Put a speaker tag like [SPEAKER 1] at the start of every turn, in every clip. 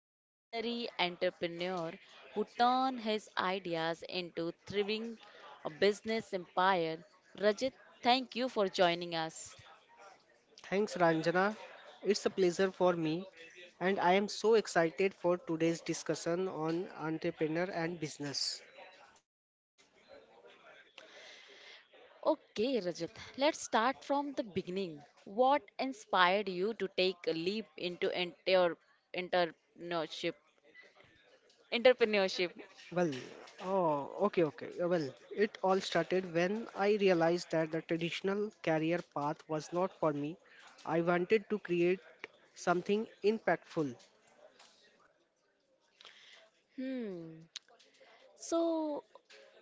[SPEAKER 1] a visionary entrepreneur who turned his ideas into thriving a business empire. Rajat, thank you for joining us.
[SPEAKER 2] Thanks, Ranjana. It's a pleasure for me, and I am so excited for today's discussion on entrepreneur and business.
[SPEAKER 1] Okay, Rajat, let's start from the beginning. What inspired you to take a leap into enter entrepreneurship? Entrepreneurship.
[SPEAKER 2] Well, oh, okay. Well, it all started when I realized that the traditional career path was not for me. I wanted to create something impactful.
[SPEAKER 1] Hmm. So,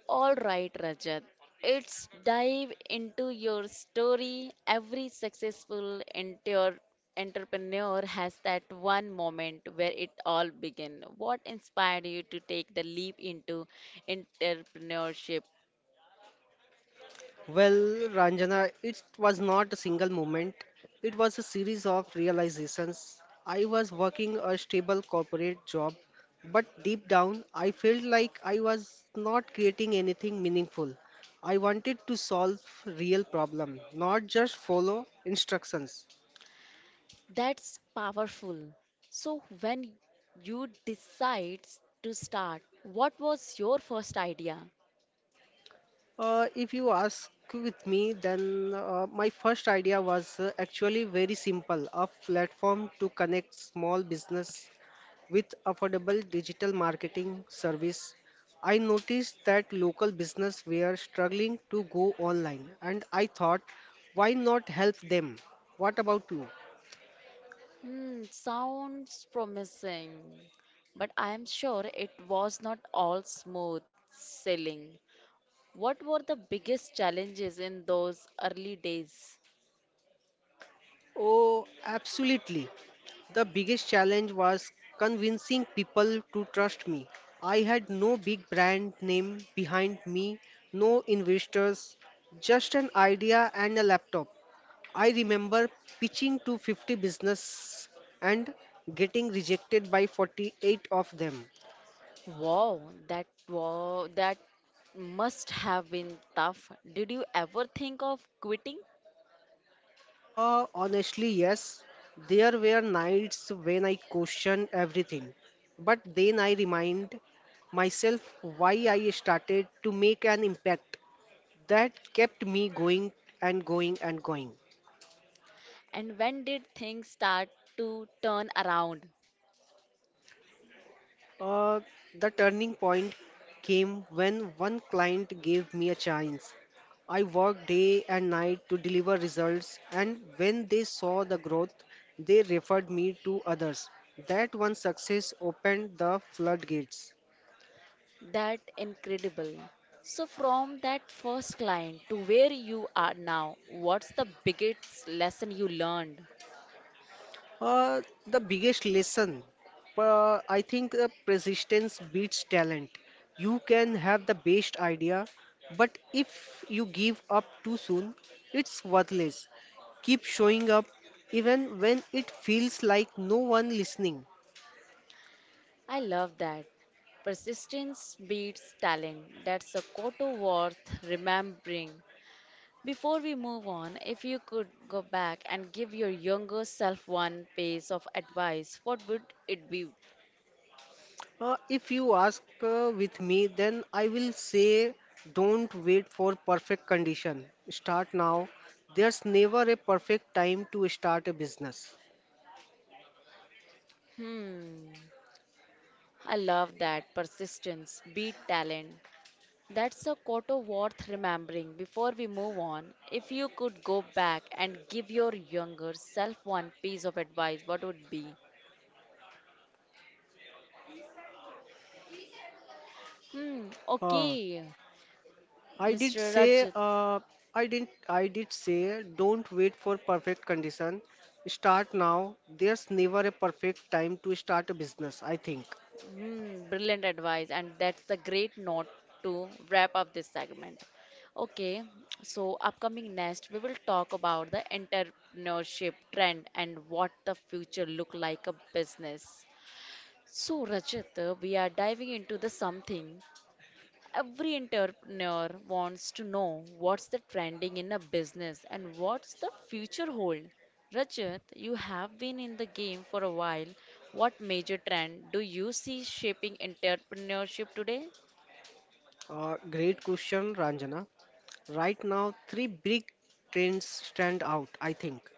[SPEAKER 1] all right, Rajat, let's dive into your story. Every successful entrepreneur has that one moment where it all began. What inspired you to take the leap into entrepreneurship?
[SPEAKER 2] Well, Ranjana, it was not a single moment. It was a series of realizations. I was working a stable corporate job, but deep down, I felt like I was not creating anything meaningful. I wanted to solve real problem, not just follow instructions.
[SPEAKER 1] That's powerful. So, when you decide to start, what was your first idea?
[SPEAKER 2] If you ask with me, then my first idea was actually very simple, a platform to connect small business with affordable digital marketing service. I noticed that local business were struggling to go online and I thought, why not help them? What about you?
[SPEAKER 1] Hmm, sounds promising, but I am sure it was not all smooth sailing. What were the biggest challenges in those early days?
[SPEAKER 2] Oh, absolutely. The biggest challenge was convincing people to trust me. I had no big brand name behind me, no investors, just an idea and a laptop. I remember pitching to 50 business and getting rejected by 48 of them.
[SPEAKER 1] Wow, that must have been tough. Did you ever think of quitting?
[SPEAKER 2] Honestly, yes, there were nights when I questioned everything, but then I remind myself why I started, to make an impact that kept me going and going and going.
[SPEAKER 1] And when did things start to turn around?
[SPEAKER 2] Uh, the turning point came when one client gave me a chance. I worked day and night to deliver results, and when they saw the growth, they referred me to others. That one success opened the floodgates.
[SPEAKER 1] That incredible. So from that first client to where you are now, what's the biggest lesson you learned?
[SPEAKER 2] The biggest lesson, I think persistence beats talent. You can have the best idea, but if you give up too soon, it's worthless. Keep showing up even when it feels like no one listening.
[SPEAKER 1] I love that. Persistence beats talent. That's a quote worth remembering. Before we move on, if you could go back and give your younger self one piece of advice, what would it be?
[SPEAKER 2] If you ask with me, then I will say don't wait for perfect condition. Start now. There's never a perfect time to start a business.
[SPEAKER 1] Hmm, I love that. Persistence beat talent. That's a motto worth remembering. Before we move on, if you could go back and give your younger self one piece of advice, what would be? Hmm,
[SPEAKER 2] Uh,
[SPEAKER 1] okay,
[SPEAKER 2] I did
[SPEAKER 1] Mr.
[SPEAKER 2] say,
[SPEAKER 1] Rajat.
[SPEAKER 2] I did say, don't wait for perfect condition. Start now. There's never a perfect time to start a business, I think.
[SPEAKER 1] Hmm, brilliant advice, and that's the great note to wrap up this segment. Okay, so upcoming next, we will talk about the entrepreneurship trend and what the future look like a business. So, Rajat, we are diving into the something. Every entrepreneur wants to know what's the trending in a business and what's the future hold. Rajat, you have been in the game for a while. What major trend do you see shaping entrepreneurship today?
[SPEAKER 2] Great question, Ranjana. Right now, three big trends stand out, I think.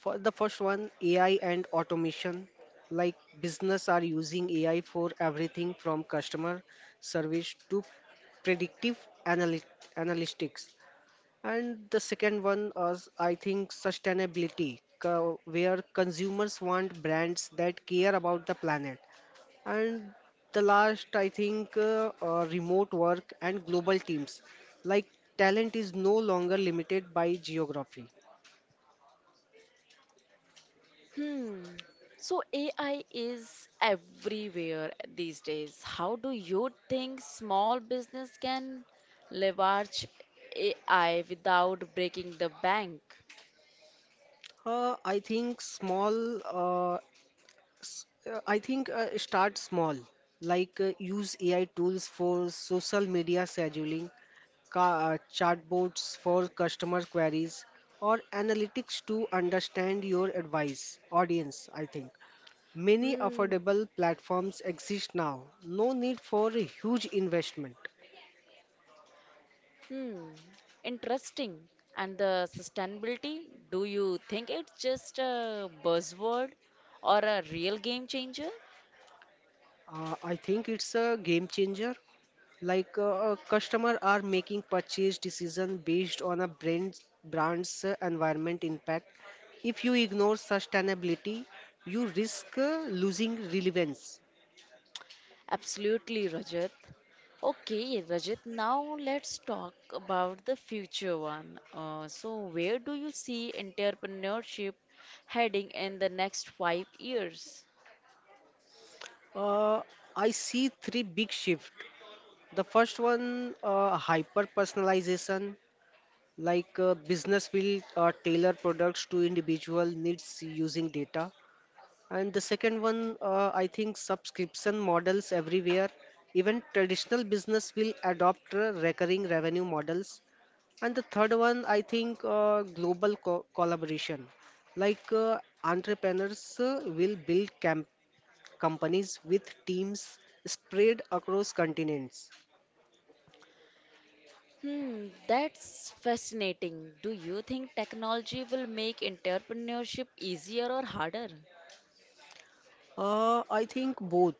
[SPEAKER 2] For the first one, AI and automation. Like business are using AI for everything from customer service to predictive analy analytics. And the second one is, I think, sustainability, where consumers want brands that care about the planet. And the last, I think, remote work and global teams. Like talent is no longer limited by geography.
[SPEAKER 1] Hmm. So AI is everywhere these days. How do you think small business can leverage AI without breaking the bank?
[SPEAKER 2] Uh, I think small, uh, I think start small, like use AI tools for social media scheduling, chatbots for customer queries, or analytics to understand your advice audience, I think. Many
[SPEAKER 1] Hmm.
[SPEAKER 2] affordable platforms exist now. No need for a huge investment.
[SPEAKER 1] Hmm, interesting. And the sustainability, do you think it's just a buzzword or a real game changer?
[SPEAKER 2] I think it's a game changer. Like customer are making purchase decision based on a brand's environment impact. If you ignore sustainability, you risk losing relevance.
[SPEAKER 1] Absolutely, Rajat. Okay, Rajat, now let's talk about the future one. So, where do you see entrepreneurship heading in the next five years?
[SPEAKER 2] Uh, I see three big shifts. The first one, hyper personalization, like business will tailor products to individual needs using data. And the second one, I think subscription models everywhere. Even traditional business will adopt recurring revenue models. And the third one, I think global co collaboration. Like entrepreneurs will build camp companies with teams spread across continents.
[SPEAKER 1] Hmm, that's fascinating. Do you think technology will make entrepreneurship easier or harder?
[SPEAKER 2] I think both.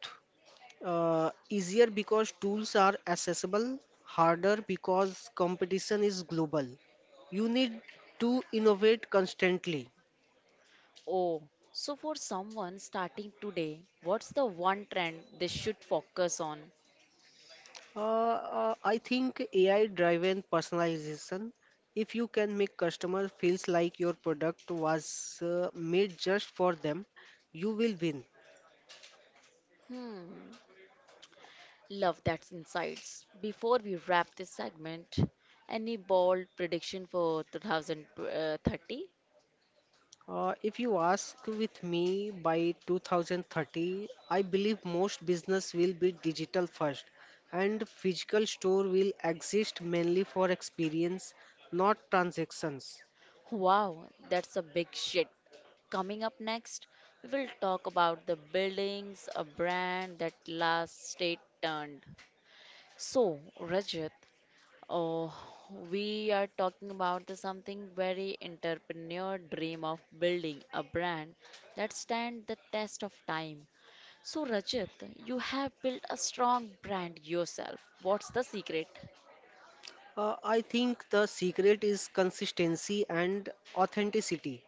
[SPEAKER 2] Easier because tools are accessible, harder because competition is global. You need to innovate constantly.
[SPEAKER 1] Oh, so for someone starting today, what's the one trend they should focus on?
[SPEAKER 2] I think AI-driven personalization. If you can make customer feels like your product was made just for them, you will win.
[SPEAKER 1] Hmm, love that insights. Before we wrap this segment, any bold prediction for 2030?
[SPEAKER 2] If you ask with me, by 2030, I believe most business will be digital first and physical store will exist mainly for experience, not transactions.
[SPEAKER 1] Wow, that's a big shit. Coming up next, we will talk about the buildings, a brand that last state turned. So, Rajat, oh, we are talking about the something very entrepreneur dream of building a brand that stand the test of time. So Rajat, you have built a strong brand yourself. What's the secret?
[SPEAKER 2] I think the secret is consistency and authenticity.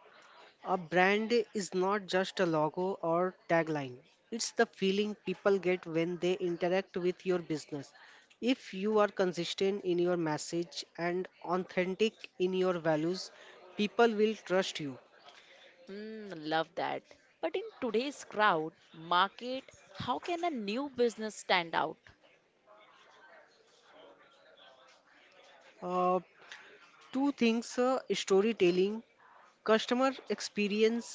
[SPEAKER 2] A brand is not just a logo or tagline. It's the feeling people get when they interact with your business. If you are consistent in your message and authentic in your values, people will trust you.
[SPEAKER 1] Hmm, love that. But in today's crowd market, how can a new business stand out?
[SPEAKER 2] Uh, Two things, storytelling, customer experience.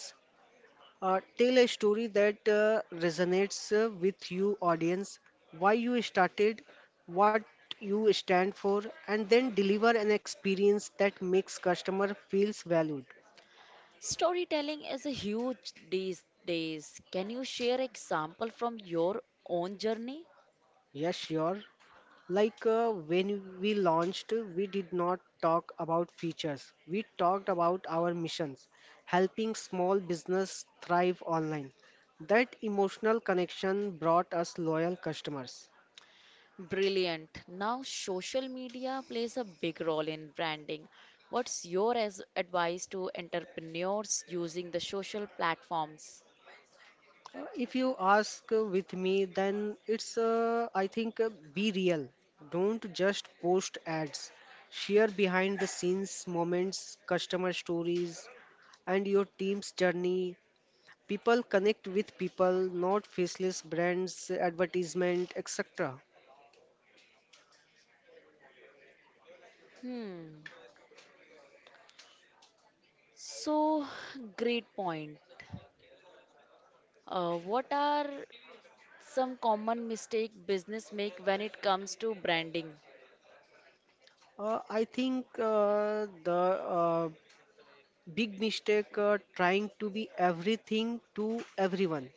[SPEAKER 2] Tell a story that resonates with you audience, why you started, what you stand for, and then deliver an experience that makes customer feels valued.
[SPEAKER 1] Storytelling is a huge these days. Can you share example from your own journey?
[SPEAKER 2] Yes, sure. Like when we launched, we did not talk about features. We talked about our missions, helping small business thrive online. That emotional connection brought us loyal customers.
[SPEAKER 1] Brilliant. Now, social media plays a big role in branding. What's your advice to entrepreneurs using the social platforms?
[SPEAKER 2] If you ask with me, then it's, I think, be real. Don't just post ads. Share behind the scenes moments, customer stories, and your team's journey. People connect with people, not faceless brands, advertisement, etc.
[SPEAKER 1] Hmm. So, great point. What are some common mistake business make when it comes to branding?
[SPEAKER 2] I think the uh, big mistake, trying to be everything to everyone.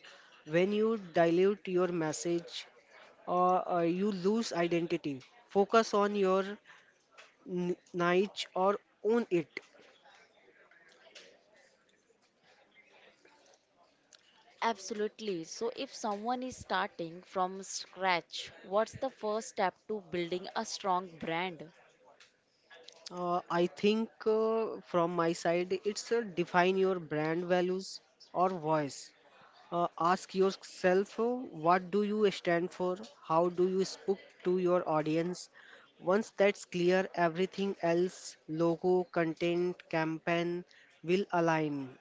[SPEAKER 2] When you dilute your message, or you lose identity. Focus on your niche or own it.
[SPEAKER 1] Absolutely. So, if someone is starting from scratch, what's the first step to building a strong brand?
[SPEAKER 2] I think from my side, it's define your brand values or voice. Ask yourself, what do you stand for? How do you speak to your audience? Once that's clear, everything else, logo, content, campaign, will align.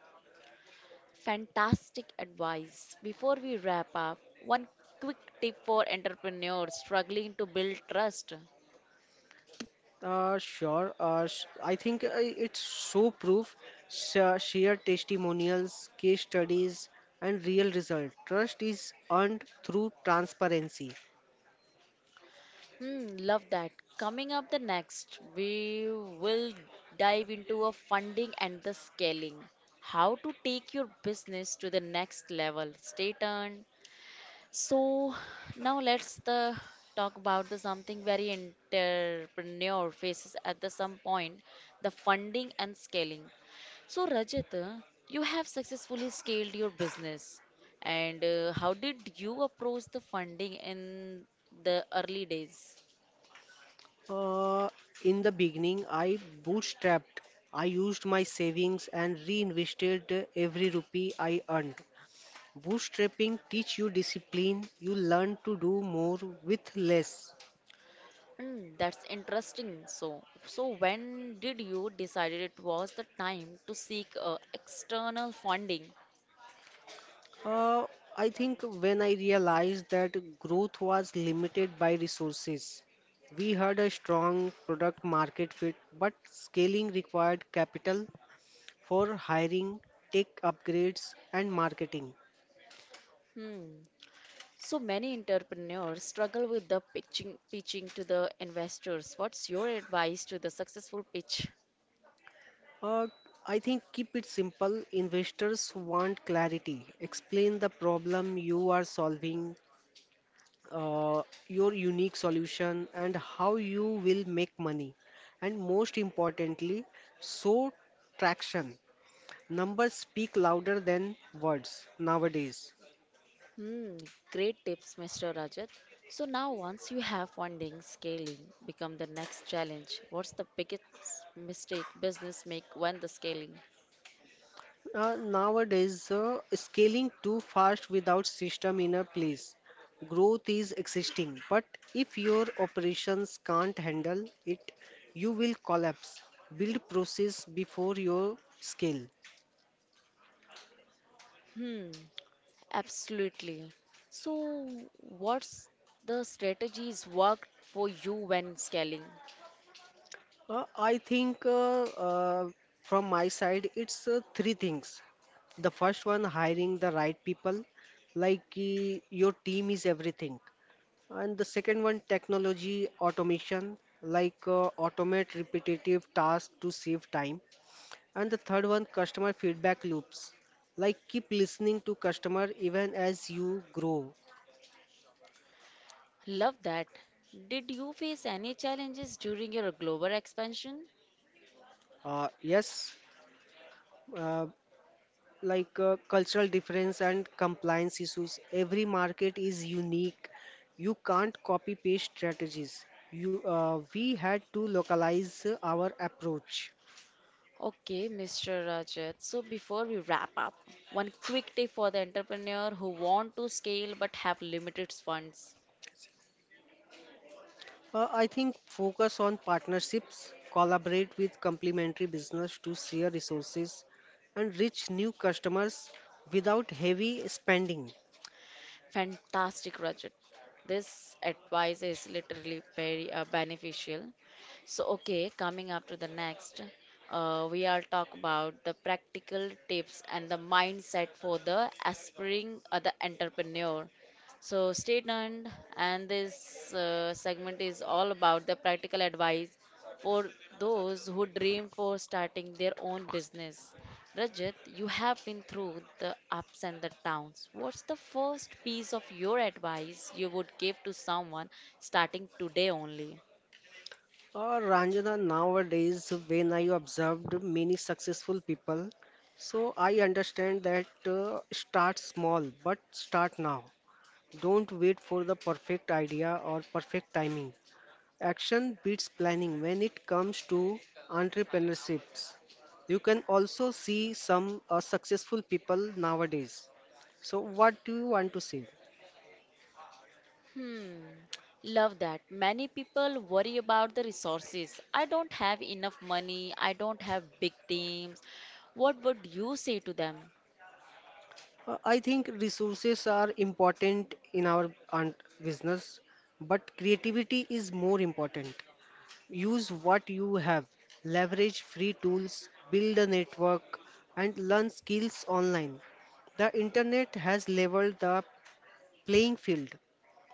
[SPEAKER 1] Fantastic advice. Before we wrap up, one quick tip for entrepreneurs struggling to build trust.
[SPEAKER 2] Sure. I think it's so proof, sheer testimonials, case studies, and real result. Trust is earned through transparency.
[SPEAKER 1] Hmm, love that. Coming up the next, we will dive into a funding and the scaling. How to take your business to the next level. Stay tuned. So now let's the talk about the something very entrepreneur faces at the some point, the funding and scaling. So, Rajat, you have successfully scaled your business. And how did you approach the funding in the early days?
[SPEAKER 2] Uh, in the beginning, I bootstrapped. I used my savings and reinvested every rupee I earned. Bootstrapping teach you discipline. You learn to do more with less.
[SPEAKER 1] Hmm, that's interesting. So, when did you decided it was the time to seek external funding?
[SPEAKER 2] Uh, I think when I realized that growth was limited by resources, we had a strong product market fit, but scaling required capital for hiring, tech upgrades, and marketing.
[SPEAKER 1] Hmm. So many entrepreneurs struggle with the pitching to the investors. What's your advice to the successful pitch?
[SPEAKER 2] Uh, I think keep it simple. Investors want clarity. Explain the problem you are solving, uh, your unique solution, and how you will make money. And most importantly, show traction. Numbers speak louder than words nowadays.
[SPEAKER 1] Hmm, great tips, Mr. Rajat. So now, once you have funding, scaling become the next challenge. What's the biggest mistake business make when the scaling?
[SPEAKER 2] Nowadays, scaling too fast without system in a place. Growth is existing, but if your operations can't handle it, you will collapse. Build process before your scale.
[SPEAKER 1] Hmm, absolutely. So, what's the strategies worked for you when scaling?
[SPEAKER 2] I think uh, from my side, it's three things. The first one, hiring the right people, like your team is everything. And the second one, technology automation, like automate repetitive tasks to save time. And the third one, customer feedback loops, like keep listening to customer even as you grow.
[SPEAKER 1] Love that. Did you face any challenges during your global expansion?
[SPEAKER 2] Yes, uh, like cultural difference and compliance issues. Every market is unique. You can't copy paste strategies. We had to localize our approach.
[SPEAKER 1] Okay, Mr. Rajat. So before we wrap up, one quick tip for the entrepreneur who want to scale but have limited funds.
[SPEAKER 2] I think focus on partnerships, collaborate with complementary business to share resources and reach new customers without heavy spending.
[SPEAKER 1] Fantastic, Rajat. This advice is literally very beneficial. So, okay, coming up to the next, we are talk about the practical tips and the mindset for the aspiring the entrepreneur. So, stay tuned, and this segment is all about the practical advice for those who dream for starting their own business. Rajat, you have been through the ups and the downs. What's the first piece of your advice you would give to someone starting today only?
[SPEAKER 2] Or Ranjana, nowadays, when I observed many successful people, so I understand that start small, but start now. Don't wait for the perfect idea or perfect timing. Action beats planning when it comes to entrepreneurships. You can also see some successful people nowadays. So, what do you want to say?
[SPEAKER 1] Hmm, love that. Many people worry about the resources. I don't have enough money, I don't have big teams. What would you say to them?
[SPEAKER 2] I think resources are important in our business, but creativity is more important. Use what you have, leverage free tools, build a network, and learn skills online. The internet has leveled the playing field.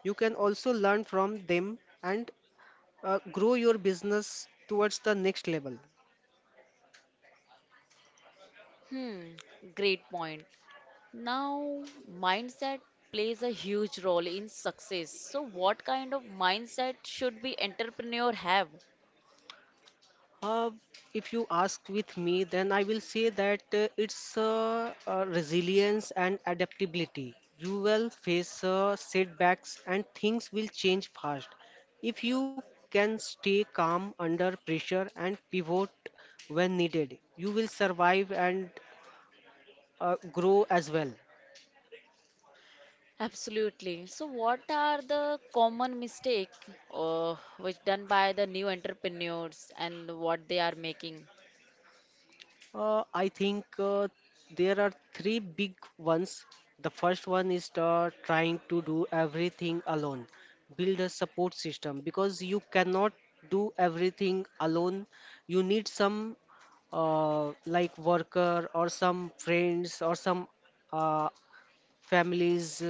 [SPEAKER 2] You can also learn from them and grow your business towards the next level.
[SPEAKER 1] Hmm, great point. Now, mindset plays a huge role in success. So, what kind of mindset should we entrepreneur have?
[SPEAKER 2] Uh, if you ask with me, then I will say that it's resilience and adaptability. You will face setbacks and things will change fast. If you can stay calm under pressure and pivot when needed, you will survive and uh, grow as well.
[SPEAKER 1] Absolutely. So, what are the common mistake which done by the new entrepreneurs and what they are making?
[SPEAKER 2] I think there are three big ones. The first one is the trying to do everything alone. Build a support system because you cannot do everything alone. You need some like worker or some friends or some uh, families.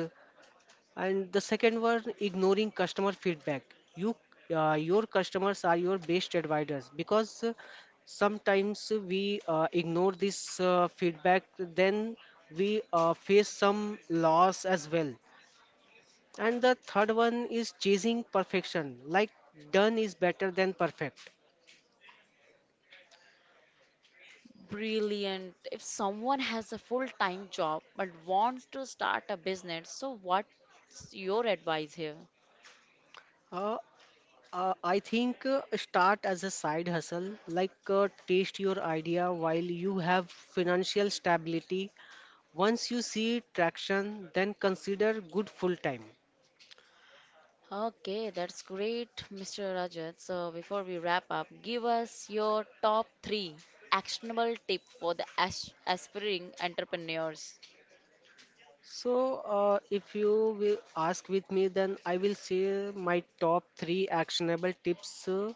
[SPEAKER 2] And the second one, ignoring customer feedback. You, your customers are your best advisors because sometimes we ignore this feedback, then we face some loss as well. And the third one is chasing perfection, like done is better than perfect.
[SPEAKER 1] Brilliant. If someone has a full-time job but wants to start a business, so what's your advice here?
[SPEAKER 2] Uh, I think start as a side hustle, like taste your idea while you have financial stability. Once you see traction, then consider good full time.
[SPEAKER 1] Okay, that's great, Mr. Rajat. So, before we wrap up, give us your top three actionable tip for the as aspiring entrepreneurs.
[SPEAKER 2] So, if you will ask with me, then I will say my top three actionable tips.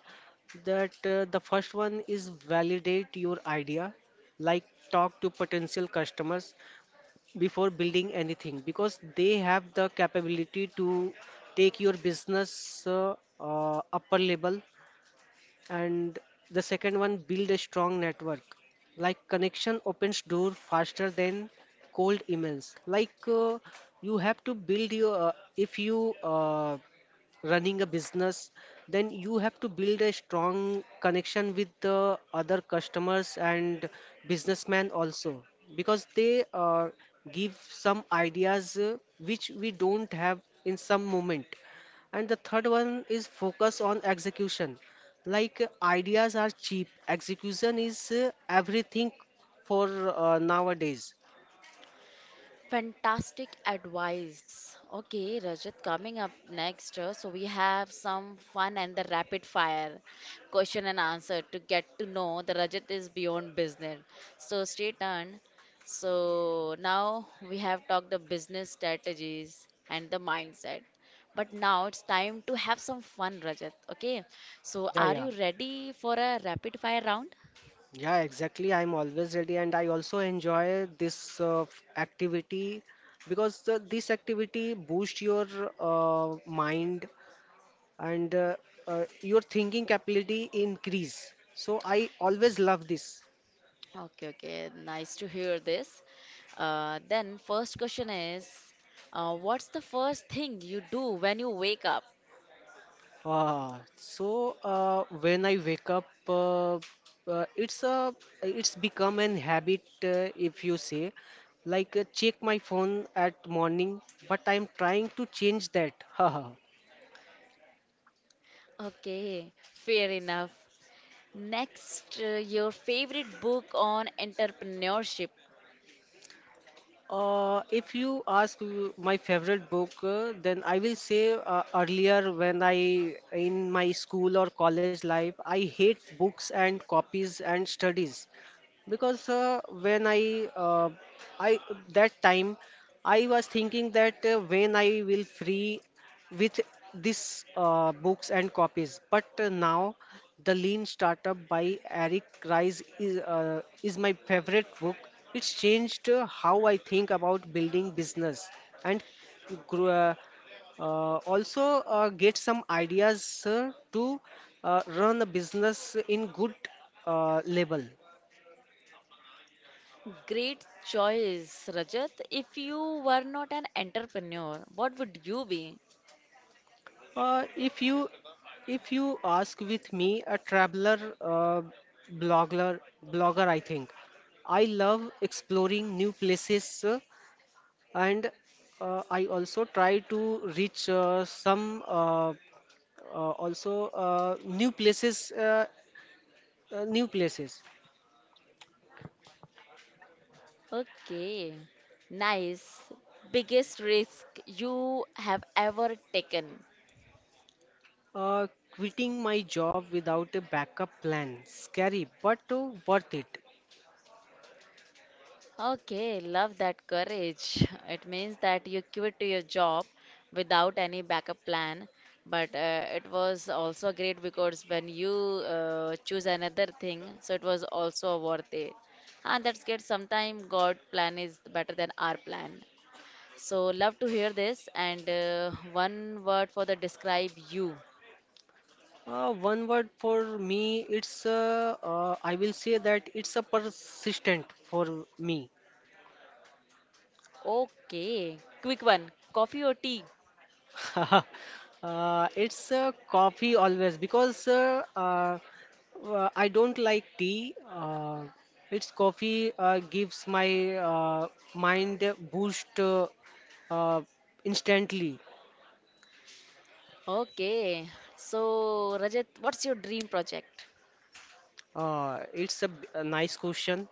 [SPEAKER 2] That The first one is validate your idea, like talk to potential customers before building anything because they have the capability to take your business upper level. And the second one, build a strong network, like connection opens door faster than cold emails. Like you have to build your if you running a business, then you have to build a strong connection with the other customers and businessmen also, because they give some ideas which we don't have in some moment. And the third one is focus on execution, like ideas are cheap, execution is everything for nowadays.
[SPEAKER 1] Fantastic advice. Okay, Rajat, coming up next, so we have some fun and the rapid fire question and answer to get to know the Rajat is beyond business. So stay tuned. So now we have talked the business strategies and the mindset. But now it's time to have some fun, Rajat. Okay, so
[SPEAKER 2] Yeah,
[SPEAKER 1] are
[SPEAKER 2] yeah.
[SPEAKER 1] you ready for a rapid fire round?
[SPEAKER 2] Yeah, exactly. I'm always ready, and I also enjoy this activity because this activity boosts your mind and your thinking capability increase. So I always love this.
[SPEAKER 1] Okay, okay. Nice to hear this. Then first question is, what's the first thing you do when you wake up?
[SPEAKER 2] When I wake up, it's a it's become an habit if you say, like check my phone at morning, but I'm trying to change that. Haha.
[SPEAKER 1] Okay, fair enough. Next, your favorite book on entrepreneurship.
[SPEAKER 2] If you ask my favorite book, then I will say earlier when I in my school or college life, I hate books and copies and studies. Because when I that time I was thinking that when I will free with this books and copies but now the lean startup by Eric Ries is my favorite book. It's changed how I think about building business and grow, also get some ideas to run a business in good level.
[SPEAKER 1] Great choice, Rajat. If you were not an entrepreneur, what would you be?
[SPEAKER 2] Uh, if you if you ask with me, a traveler blogger blogger, I think I love exploring new places, and I also try to reach some also new places, new places.
[SPEAKER 1] Okay, nice. Biggest risk you have ever taken.
[SPEAKER 2] Uh, Quitting my job without a backup plan, scary but worth it.
[SPEAKER 1] Okay, love that courage. It means that you quit your job without any backup plan. But it was also great because when you choose another thing, so it was also worth it. And that's good. Sometimes God plan is better than our plan. So love to hear this. And one word for the describe you.
[SPEAKER 2] One word for me, it's I will say that it's a persistent for me.
[SPEAKER 1] Okay, quick one. Coffee or tea?
[SPEAKER 2] uh, it's coffee always because I don't like tea. It's coffee gives my mind a boost uh, instantly.
[SPEAKER 1] Okay. So Rajat, what's your dream project?
[SPEAKER 2] It's a, a nice question.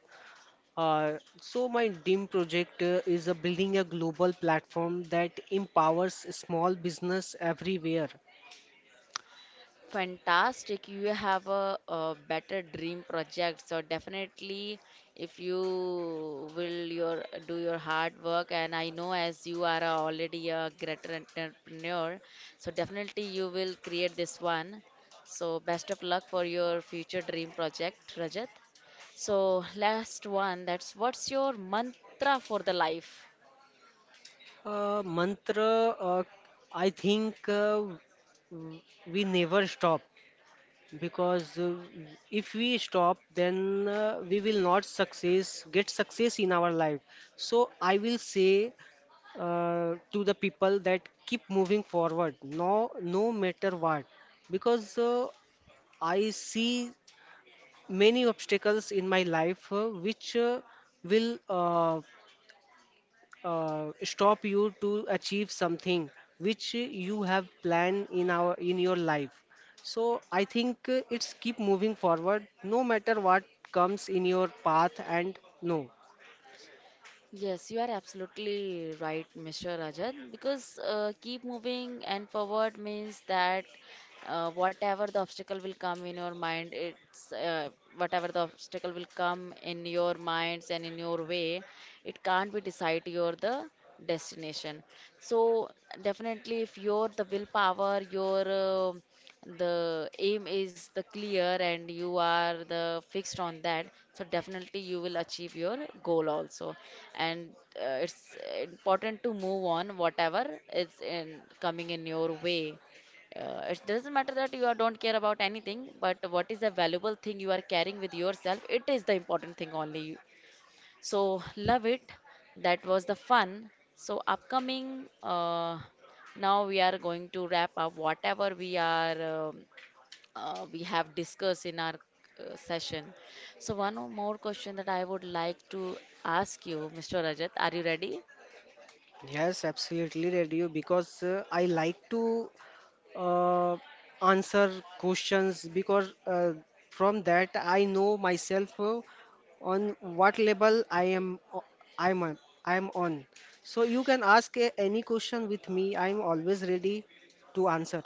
[SPEAKER 2] So my DIM project is building a global platform that empowers small business everywhere.
[SPEAKER 1] Fantastic. You have a better dream project. So definitely if you will your do your hard work, and I know as you are already a great entrepreneur, so definitely you will create this one. So best of luck for your future dream project, Rajat. So last one, that's what's your mantra for the life?
[SPEAKER 2] Mantra, I think w- we never stop because if we stop, then we will not success get success in our life. So I will say to the people that keep moving forward, no, no matter what, because I see many obstacles in my life which will stop you to achieve something which you have planned in our in your life. So I think it's keep moving forward no matter what comes in your path and no.
[SPEAKER 1] Yes, you are absolutely right, Mr. Rajat, because keep moving and forward means that whatever the obstacle will come in your mind, it's whatever the obstacle will come in your minds and in your way, it can't be decide your the destination. So definitely, if your the willpower, your the aim is the clear and you are the fixed on that, so definitely you will achieve your goal also. And it's important to move on whatever is in coming in your way. It doesn't matter that you are, don't care about anything, but what is the valuable thing you are carrying with yourself, it is the important thing only. So love it. That was the fun. So upcoming now we are going to wrap up whatever we have discussed in our session. So, one more question that I would like to ask you, Mr. Rajat. Are you ready?
[SPEAKER 2] Yes, absolutely, radio, because I like to uh, answer questions because from that I know myself on what level I'm on, I'm on. So you can ask any question with me. I'm always ready to answer.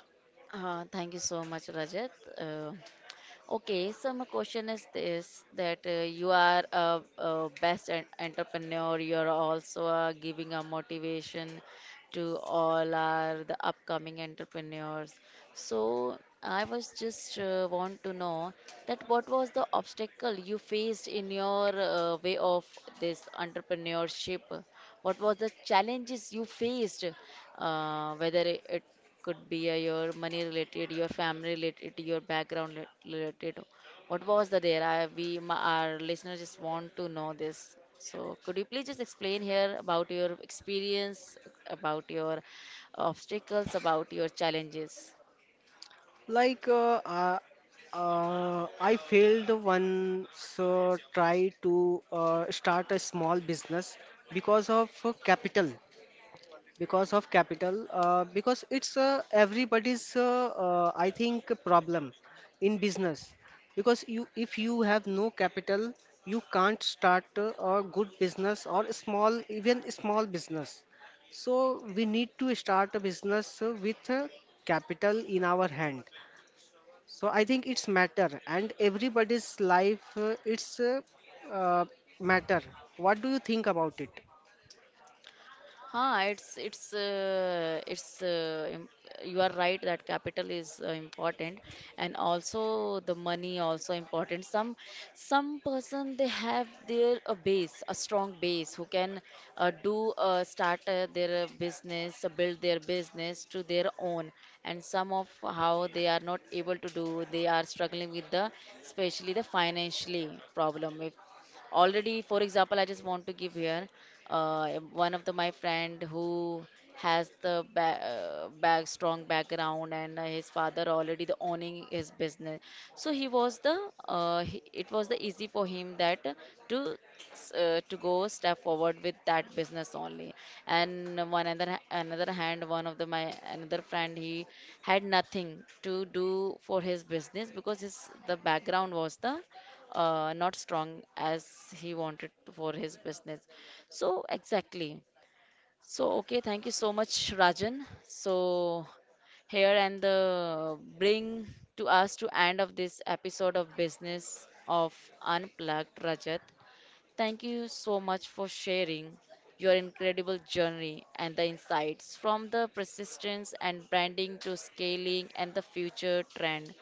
[SPEAKER 1] Thank you so much, Rajat. Uh, okay, so my question is this: that you are a best entrepreneur. You are also giving a motivation to all our the upcoming entrepreneurs. So I was just want to know that what was the obstacle you faced in your way of this entrepreneurship? What was the challenges you faced? Whether it could be your money related, your family related, your background related. What was the there? We our listeners just want to know this. So could you please just explain here about your experience, about your obstacles, about your challenges?
[SPEAKER 2] Like I failed once try to start a small business because of capital. Because of capital, because it's everybody's I think problem in business, because you if you have no capital you can't start a good business or a small, even a small business. So we need to start a business with capital in our hand. So I think it's matter and everybody's life, it's uh, matter. What do you think about it?
[SPEAKER 1] Huh, it's it's uh, it's uh, im- you are right that capital is important, and also the money also important. Some person they have their a base, a strong base, who can do start their business, build their business to their own. And some of how they are not able to do, they are struggling with the especially the financially problem. If already for example I just want to give here one of the my friend who has the back strong background, and his father already the owning his business, so he was the it was the easy for him that to to go step forward with that business only. And one another hand, one of the my another friend, he had nothing to do for his business because his the background was the not strong as he wanted for his business. So, exactly. So, okay, thank you so much, Rajan. So, here and the bring to us to end of this episode of Business of Unplugged, Rajat. Thank you so much for sharing your incredible journey and the insights from the persistence and branding to scaling and the future trend.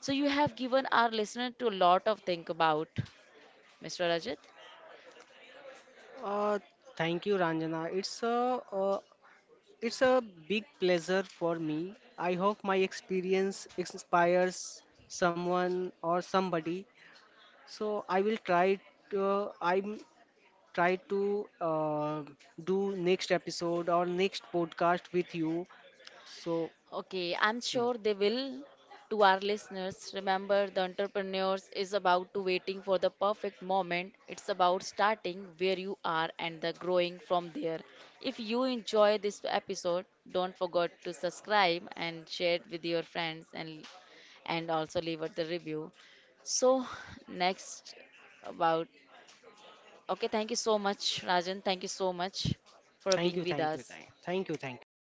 [SPEAKER 1] So you have given our listener to a lot of think about. Mr. Rajit?
[SPEAKER 2] Uh, Thank you, Ranjana. It's a it's a big pleasure for me. I hope my experience inspires someone or somebody. So I will try to I'm try to do next episode or next podcast with you. So
[SPEAKER 1] Okay, I'm
[SPEAKER 2] mm,
[SPEAKER 1] sure they will. To our listeners, remember the entrepreneurs is about to waiting for the perfect moment. It's about starting where you are and the growing from there. If you enjoy this episode, don't forget to subscribe and share it with your friends and also leave it the review. So next about okay, thank you so much, Rajan. Thank you so much for
[SPEAKER 2] thank
[SPEAKER 1] being
[SPEAKER 2] you,
[SPEAKER 1] with
[SPEAKER 2] thank you,
[SPEAKER 1] us.
[SPEAKER 2] thank you, thank you.